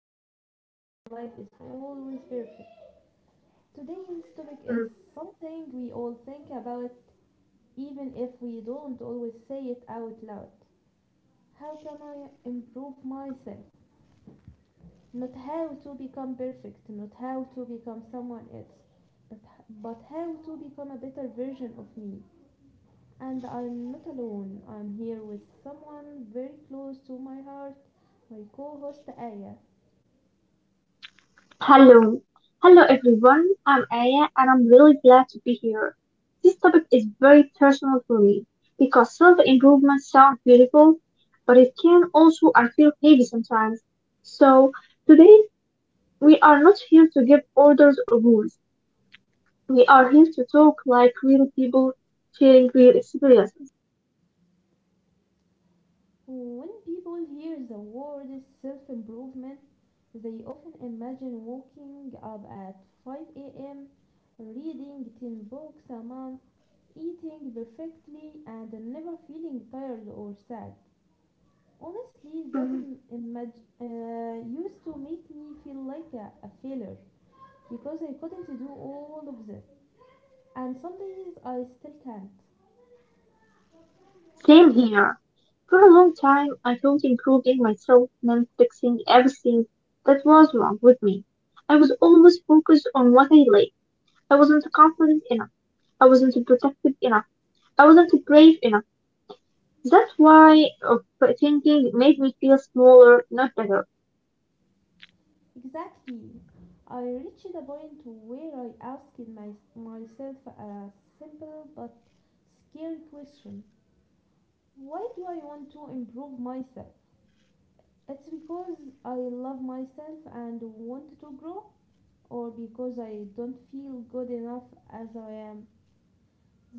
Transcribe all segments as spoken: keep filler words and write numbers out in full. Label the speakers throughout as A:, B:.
A: pretending that life is always perfect. Today's topic is
B: Mm.
A: something we all think about even if we don't always say it out loud. How can I improve myself? Not how to become perfect, not how to become someone else, but, but how to become a better version of me. And I'm not alone, I'm here with someone very close to my heart, my co host Aya.
B: Hello. Hello everyone. I'm Aya and I'm really glad to be here. This topic is very personal for me because self-improvement sounds beautiful, but it can also I feel heavy sometimes. So today we are not here to give orders or rules. We are here to talk like real people sharing real experiences.
A: When people hear the word self improvement, they often imagine waking up at five a m, reading ten books a month, eating perfectly, and never feeling tired or sad. Honestly, that Im- imag- uh, used to make me feel like a, a failure because I couldn't do all of that, and some days I still can't.
B: Same here. For a long time, I thought improving myself meant fixing everything that was wrong with me. I was always focused on what I lacked. I wasn't confident enough. I wasn't protective enough. I wasn't brave enough. That's why of thinking made me feel smaller, not better.
A: Exactly. I reached a point where I asked my, myself a simple but scary question. Why do I want to improve myself? It's because I love myself and want to grow, or because I don't feel good enough as I am.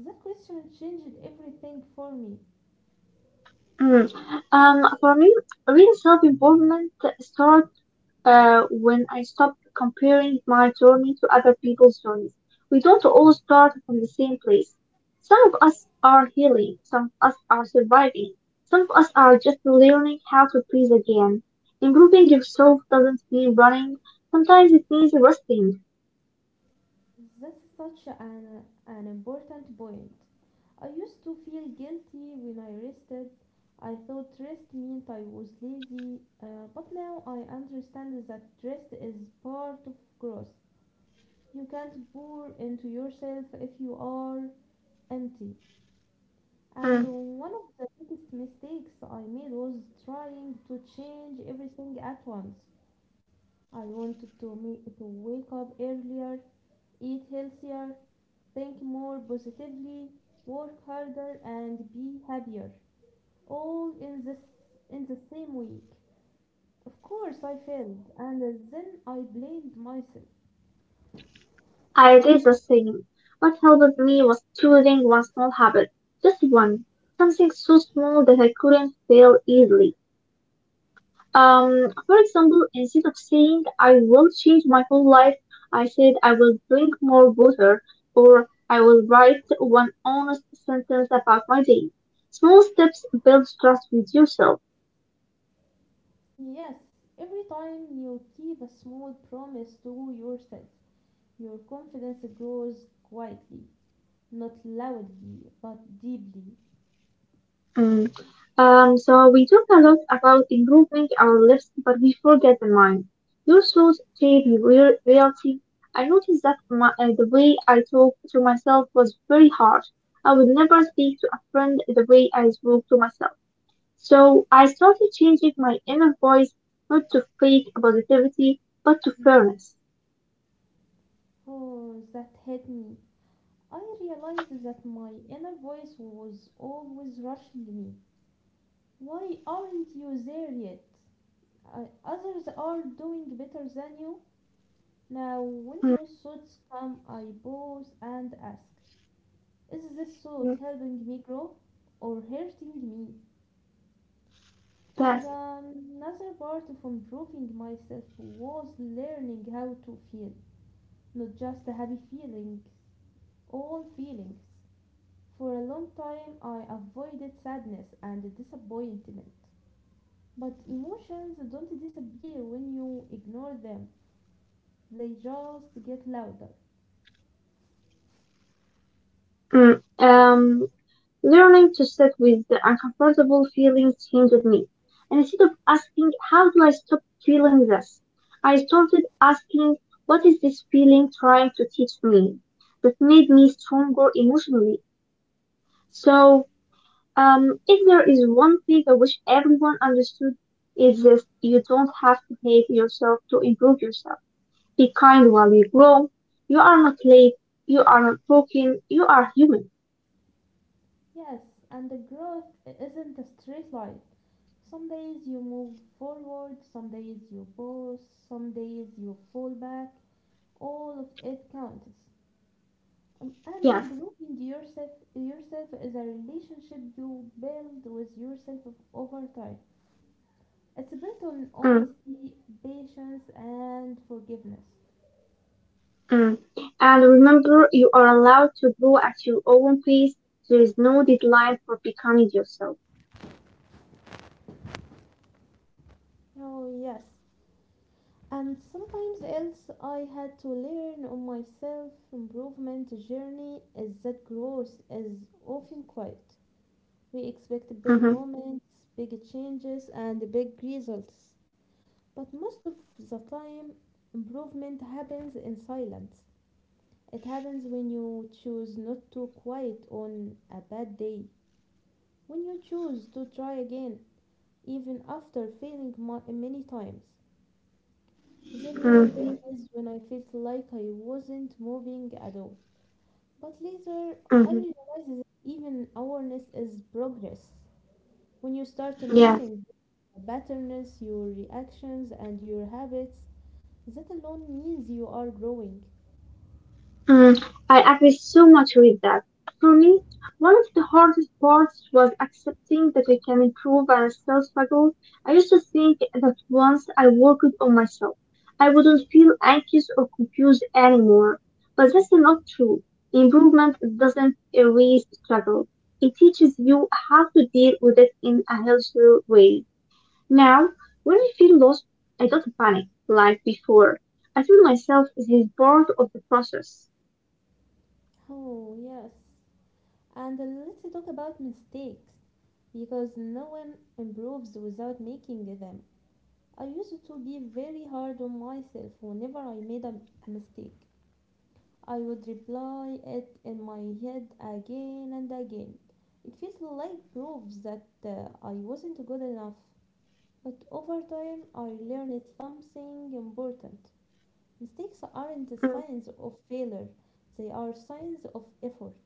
A: That question changed everything for me.
B: Mm. Um, for me, real self-improvement starts uh, when I stopped comparing my journey to other people's journeys. We don't all start from the same place. Some of us are healing, some of us are surviving, some of us are just learning how to breathe again. Improving yourself doesn't mean running, sometimes it means resting.
A: That's such an, an important point. I used to feel guilty when I rested. I thought rest meant I was lazy, uh, but now I understand that rest is part of growth. You can't pour into yourself if you are empty. And
B: Mm.
A: one of the biggest mistakes I made was trying to change everything at once. I wanted to make to wake up earlier, eat healthier, think more positively, work harder, and be happier. All in this in the same week. Of course, I failed, and then I blamed myself.
B: I did the same. What helped me was choosing one small habit, just one, something so small that I couldn't fail easily. Um, for example, instead of saying, I will change my whole life, I said, I will drink more water, or I will write one honest sentence about my day. Small steps build trust with yourself.
A: Yes, every time you keep a small promise to yourself, your confidence grows quietly, not loudly, but deeply.
B: Mm. Um, so we talk a lot about improving our lives, but we forget the mind. Your thoughts shape your real reality. I noticed that my, uh, the way I talk to myself was very hard. I would never speak to a friend the way I spoke to myself. So I started changing my inner voice not to fake positivity, but to fairness.
A: Oh, that hit me. I realized that my inner voice was always rushing me. Why aren't you there yet? Uh, others are doing better than you. Now, when
B: Mm,
A: those thoughts come, I pause and ask, is this
B: mm,
A: thought helping me grow or hurting me? And
B: yes.
A: um, another part of improving myself was learning how to feel, not just the happy feelings, all feelings. For a long time, I avoided sadness and disappointment. But emotions don't disappear when you ignore them, they just get louder.
B: Mm, um, Learning to sit with the uncomfortable feelings changed me. And instead of asking, how do I stop feeling this? I started asking, what is this feeling trying to teach me? That made me stronger emotionally. So Um, if there is one thing I wish everyone understood, is this you don't have to hate yourself to improve yourself. Be kind while you grow. You are not late. You are not broken. You are human.
A: Yes, and the growth isn't a straight line. Some days you move forward, some days you pause, some days you fall back. All of it counts. Um, and
B: Yes.
A: improving yourself yourself is a relationship you build with yourself of- over time. It's built on
B: Mm,
A: honesty, patience, and forgiveness.
B: mm. And remember, you are allowed to grow at your own pace. There is no deadline for becoming yourself.
A: Oh yes, and sometimes else I had to learn on my self improvement journey is that growth is often quiet. We expect big
B: Mm-hmm,
A: moments, big changes and big results, but most of the time improvement happens in silence. It happens when you choose not to quit on a bad day, when you choose to try again even after failing mu- many times. There were
B: mm-hmm,
A: days when I felt like I wasn't moving at all. But later, I
B: mm-hmm.
A: realized that even awareness is progress. When you start
B: Yeah.
A: noticing your patterns, your reactions, and your habits, that alone means you are growing.
B: Mm, I agree so much with that. For me, one of the hardest parts was accepting that I can improve and still struggle. I used to think that once I worked on myself, I wouldn't feel anxious or confused anymore. But that's not true. Improvement doesn't erase struggle. It teaches you how to deal with it in a healthier way. Now, when I feel lost, I don't panic like before. I tell myself this is part of the process.
A: Oh, yes. And let's talk about mistakes, because no one improves without making them. I used to be very hard on myself whenever I made a a mistake. I would reply it in my head again and again. It feels like proof that uh, I wasn't good enough. But over time, I learned something important. Mistakes aren't
B: Mm,
A: signs of failure, they are signs of effort.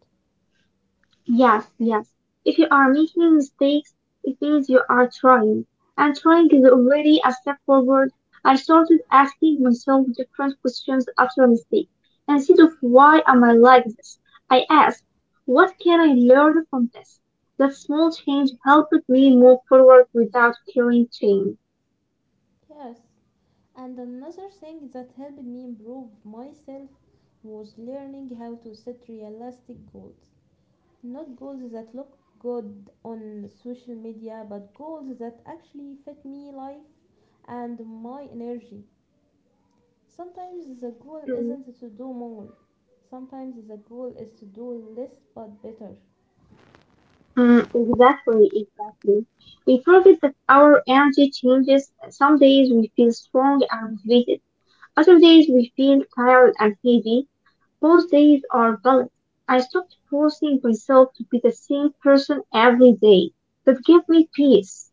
B: Yes, yes. If you are making mistakes, it means you are trying. And trying is already a step forward. I started asking myself different questions after a mistake. Instead of why am I like this, I asked, what can I learn from this? That small change helped me move forward without carrying shame.
A: Yes. And another thing that helped me improve myself was learning how to set realistic goals. Not goals that look good on social media, but goals that actually fit me life and my energy. Sometimes the goal
B: Mm,
A: isn't to do more. Sometimes the goal is to do less but better.
B: mm, exactly, exactly. We forget that our energy changes. Some days we feel strong and motivated. Other days we feel tired and heavy. Both days are valid. I stopped forcing myself to be the same person every day. That gave me peace.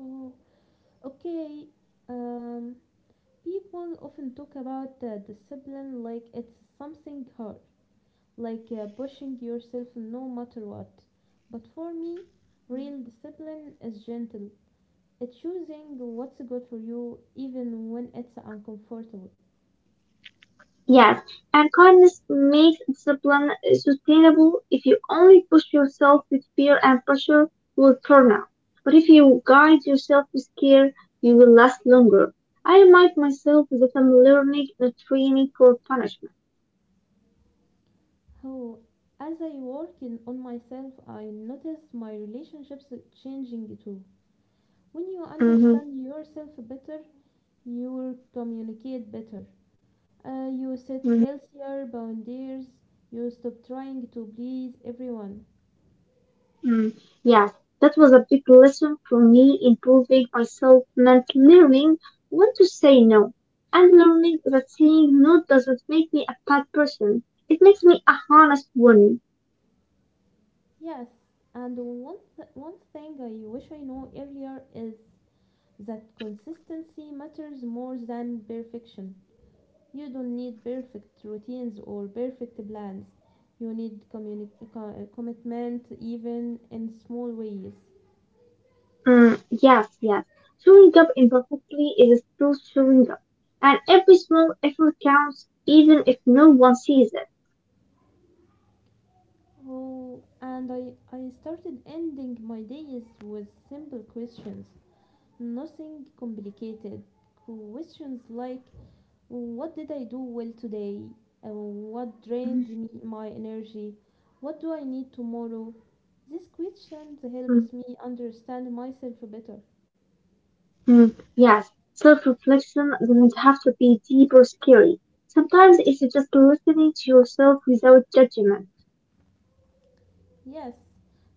A: Oh, okay. Um, People often talk about uh, discipline like it's something hard, like uh, pushing yourself no matter what. But for me, real discipline is gentle. It's choosing what's good for you even when it's uncomfortable.
B: Yes, and kindness makes discipline sustainable. If you only push yourself with fear and pressure, you will burn out. But if you guide yourself with care, you will last longer. I remind myself that I'm learning, not training for punishment.
A: How as I work in, on myself, I notice my relationships changing too. When you
B: hmm
A: understand yourself better, you will communicate better. Uh, you set healthier boundaries. You stop trying to please everyone.
B: Mm, yes, that was a big lesson for me in proving myself meant learning when to say no and learning that saying no doesn't make me a bad person. It makes me a honest woman.
A: Yes, and one, th- one thing I wish I know earlier is that consistency matters more than perfection. You don't need perfect routines or perfect plans. You need communi- co- uh, commitment, even in small ways.
B: Mm, yes, yes. Showing up imperfectly is still showing up. And every small effort counts even if no one sees it.
A: Oh, and I, I started ending my days with simple questions, nothing complicated. Questions like, what did I do well today? Uh, what drained me my energy? What do I need tomorrow? These questions
B: Mm,
A: helps me understand myself better.
B: mm, Yes, self reflection doesn't have to be deep or scary. Sometimes it's just listening to yourself without judgment.
A: Yes,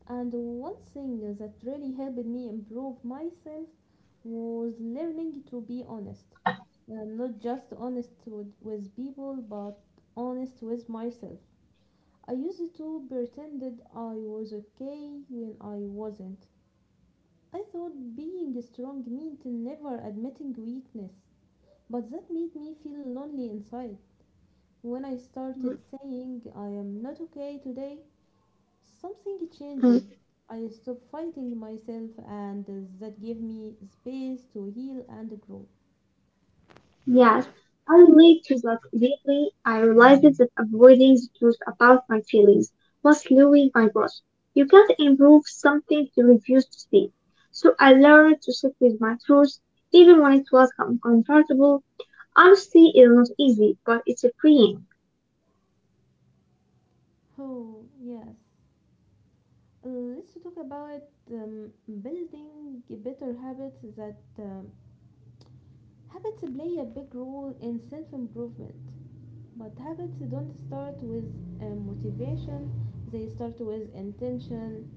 A: and one thing that really helped me improve myself was learning to be honest. And not just honest with, with people, but honest with myself. I used to pretended I was okay when I wasn't. I thought being strong meant never admitting weakness, but that made me feel lonely inside. When I started saying I am not okay today, something
B: Mm,
A: changed. I stopped fighting myself, and that gave me space to heal and grow.
B: Yes, I relate to that deeply. I realized that avoiding the truth about my feelings was slowing my growth. You can't improve something you refuse to see. So I learned to sit with my truth, even when it was uncomfortable. Honesty is not easy, but it's a freeing.
A: Oh, yes. Let's talk about um, building better habits. That um, Habits play a big role in self improvement. But habits don't start with um, motivation, they start with intention.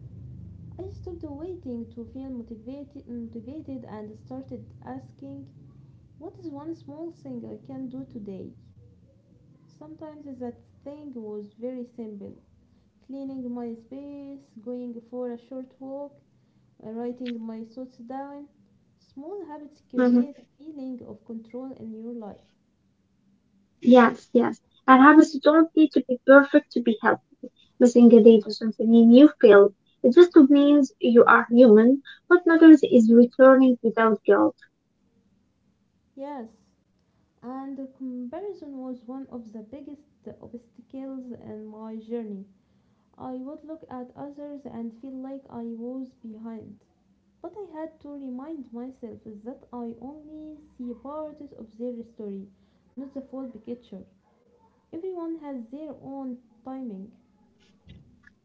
A: I stopped waiting to feel motivated, motivated and started asking, what is one small thing I can do today? Sometimes that thing was very simple: cleaning my space, going for a short walk, writing my thoughts down. Small habits
B: Mhm.
A: create a feeling of control in your life.
B: Yes, yes. And habits don't need to be perfect to be helped. Missing a day doesn't mean you failed. It just means you are human. What matters is returning without guilt.
A: Yes, and comparison was one of the biggest obstacles in my journey. I would look at others and feel like I was behind. But I had to remind myself that I only see part of their story, not the full picture. Everyone has their own timing.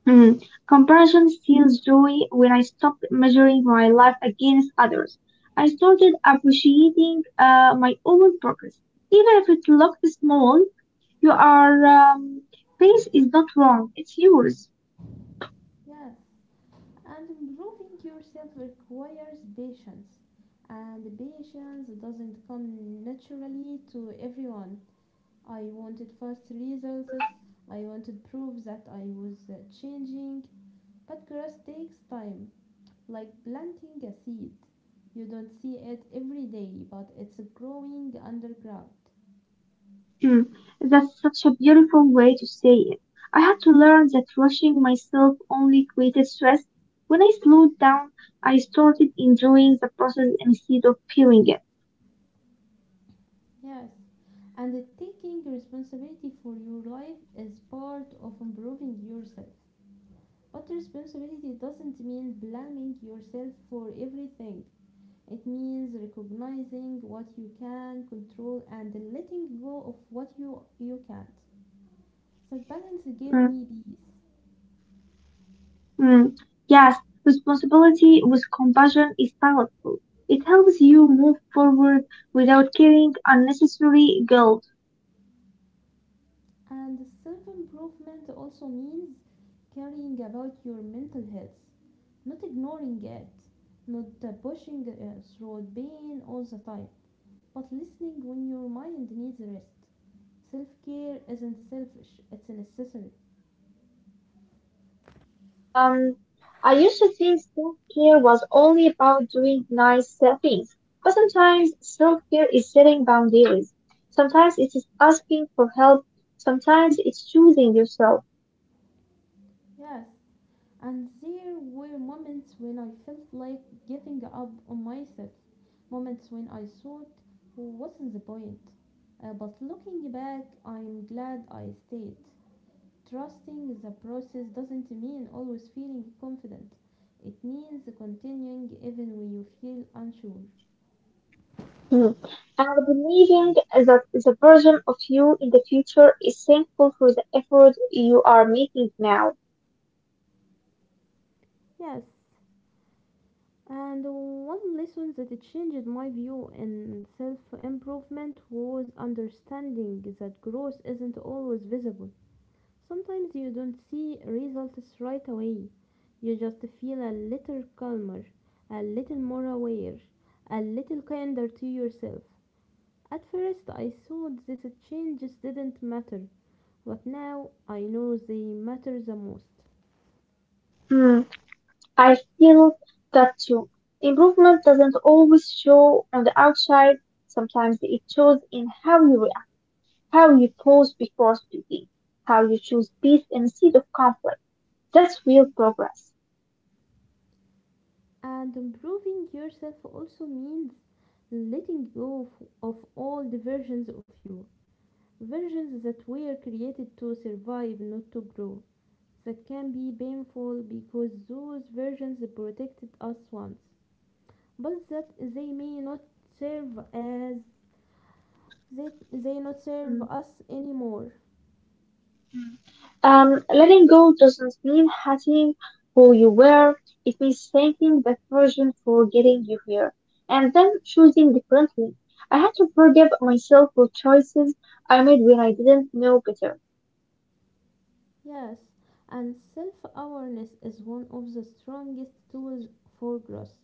B: Mhm. Comparison steals joy when I stopped measuring my life against others. I started appreciating uh, my own progress. Even if it looked small, your um, pace is not wrong, it's yours.
A: Yes, and improving yourself requires patience, and patience doesn't come naturally to everyone. I wanted fast results, I wanted proof that I was uh, changing, but growth takes time, like planting a seed. You don't see it every day, but it's growing underground.
B: Mm, That's such a beautiful way to say it. I had to learn that rushing myself only created stress. When I slowed down, I started enjoying the process instead of feeling it.
A: Yes. And taking responsibility for your life is part of improving yourself. But responsibility doesn't mean blaming yourself for everything. It means recognizing what you can control and letting go of what you, you can't. That balance gave
B: Hmm.
A: me peace.
B: Mm, yes, responsibility with compassion is powerful. It helps you move forward without carrying unnecessary guilt.
A: And self improvement also means caring about your mental health, not ignoring it, not uh, pushing uh, through pain all the time, but listening when your mind needs rest. Self care isn't selfish, it's necessary.
B: Um, I used to think self-care was only about doing nice uh, things, but sometimes self-care is setting boundaries. Sometimes it is asking for help. Sometimes it's choosing yourself.
A: Yes, and there were moments when I felt like giving up on myself, moments when I thought, what's the point? Uh, but looking back, I'm glad I stayed. Trusting the process doesn't mean always feeling confident. It means continuing even when you feel unsure.
B: Mm. And believing that the version of you in the future is thankful for the effort you are making now.
A: Yes, and one lesson that it changed my view in self improvement was understanding that growth isn't always visible. Sometimes you don't see results right away, you just feel a little calmer, a little more aware, a little kinder to yourself. At first I thought these changes didn't matter, but now I know they matter the most.
B: Hmm. I feel that too. Improvement doesn't always show on the outside. Sometimes it shows in how you react, how you pause before speaking, how you choose peace instead of conflict. That's real progress.
A: And improving yourself also means letting go of, of old versions of you, versions that were created to survive, not to grow. That can be painful because those versions protected us once, but that they may not serve as they, they not serve
B: Mm,
A: us anymore.
B: mm. Um, letting go doesn't mean hating who you were. It means thanking that person for getting you here and then choosing differently. I had to forgive myself for choices I made when I didn't know better.
A: Yes, and self awareness is one of the strongest tools for growth.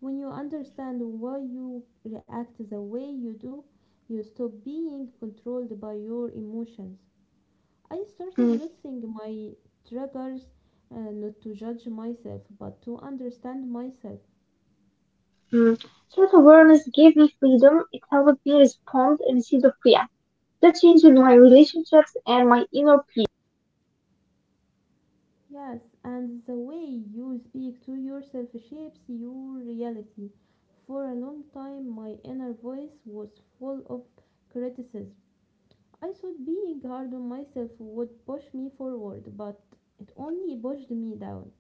A: When you understand why you react the way you do, you stop being controlled by your emotions. I started noticing my triggers, uh, not to judge myself but to understand myself.
B: Mm. Self-awareness gave me freedom, it helped me respond instead of react. That changed my relationships and my inner peace.
A: Yes, and the way you speak to yourself shapes your reality. For a long time, my inner voice was full of criticism. I thought being hard on myself would push me forward, but it only pushed me down.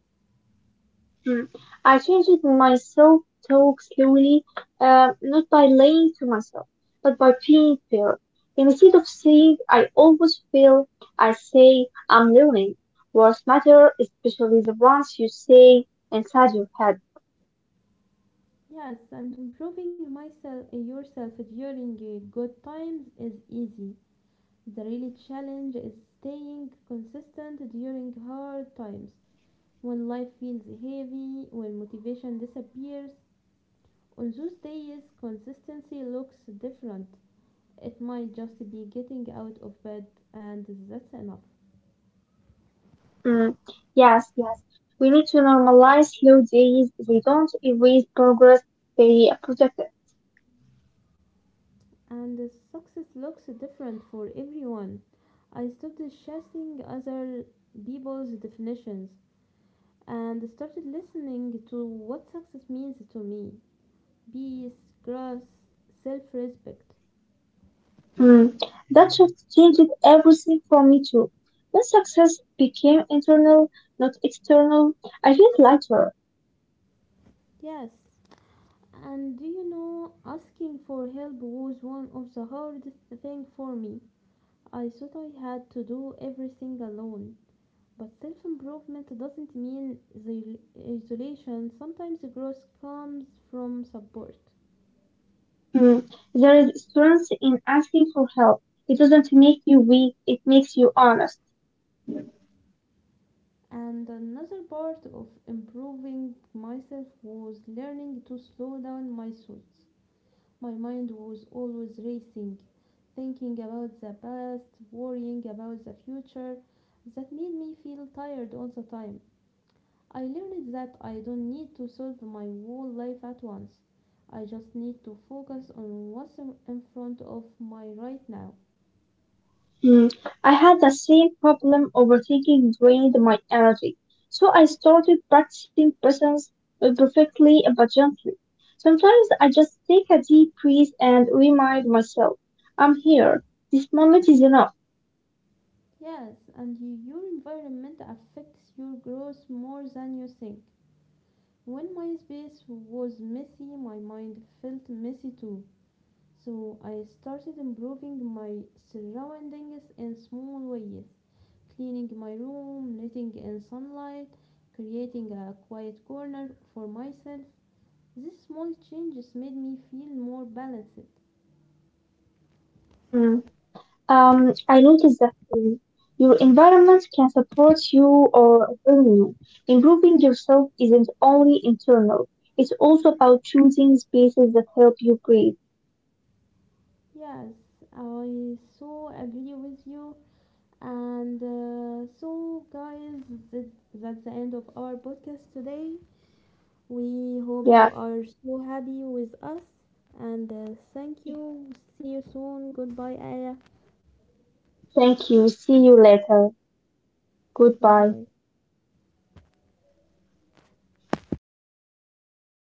B: Mm. I changed my self-talk slowly, uh, not by lying to myself, but by being fair. Instead of saying I always fail, I say I'm learning. Words matter, especially the ones you say inside your head.
A: Yes, and improving myself yourself during uh, good times is easy. The really challenge is staying consistent during hard times. When life feels heavy, when motivation disappears, on those days consistency looks different. It might just be getting out of bed and that's enough.
B: Mm, yes, yes. We need to normalize slow days. They don't erase progress, they protect it.
A: And the success looks different for everyone. I stopped chasing other people's definitions and started listening to what success means to me: peace, growth, self respect.
B: Mm. That shift changed everything for me too. When success became internal, not external, I felt lighter.
A: Yes, and do you know, asking for help was one of the hardest things for me. I thought I had to do everything alone. But self improvement doesn't mean isol- isolation, sometimes growth comes from support.
B: Mm. There is strength in asking for help. It doesn't make you weak, it makes you honest.
A: And another part of improving myself was learning to slow down my thoughts. My mind was always racing, thinking about the past, worrying about the future. That made me feel tired all the time. I learned that I don't need to solve my whole life at once. I just need to focus on what's in front of my right now.
B: Mm, I had the same problem overthinking drained my energy, so I started practicing presence uh, perfectly but gently. Sometimes I just take a deep breath and remind myself, I'm here. This moment is enough.
A: Yes, and your environment affects your growth more than you think. When my space was messy, my mind felt messy too. So I started improving my surroundings in small ways, cleaning my room, letting in sunlight, creating a quiet corner for myself. These small changes made me feel more balanced.
B: Mm. Um, I noticed that um, your environment can support you or harm you. Improving yourself isn't only internal, it's also about choosing spaces that help you breathe.
A: Yes, I so agree with you. And uh, so, guys, th- that's the end of our podcast today. We hope you
B: Yes.
A: are so happy with us. And uh, thank you. See you soon. Goodbye, Aya.
B: Thank you. See you later. Goodbye.
A: Goodbye.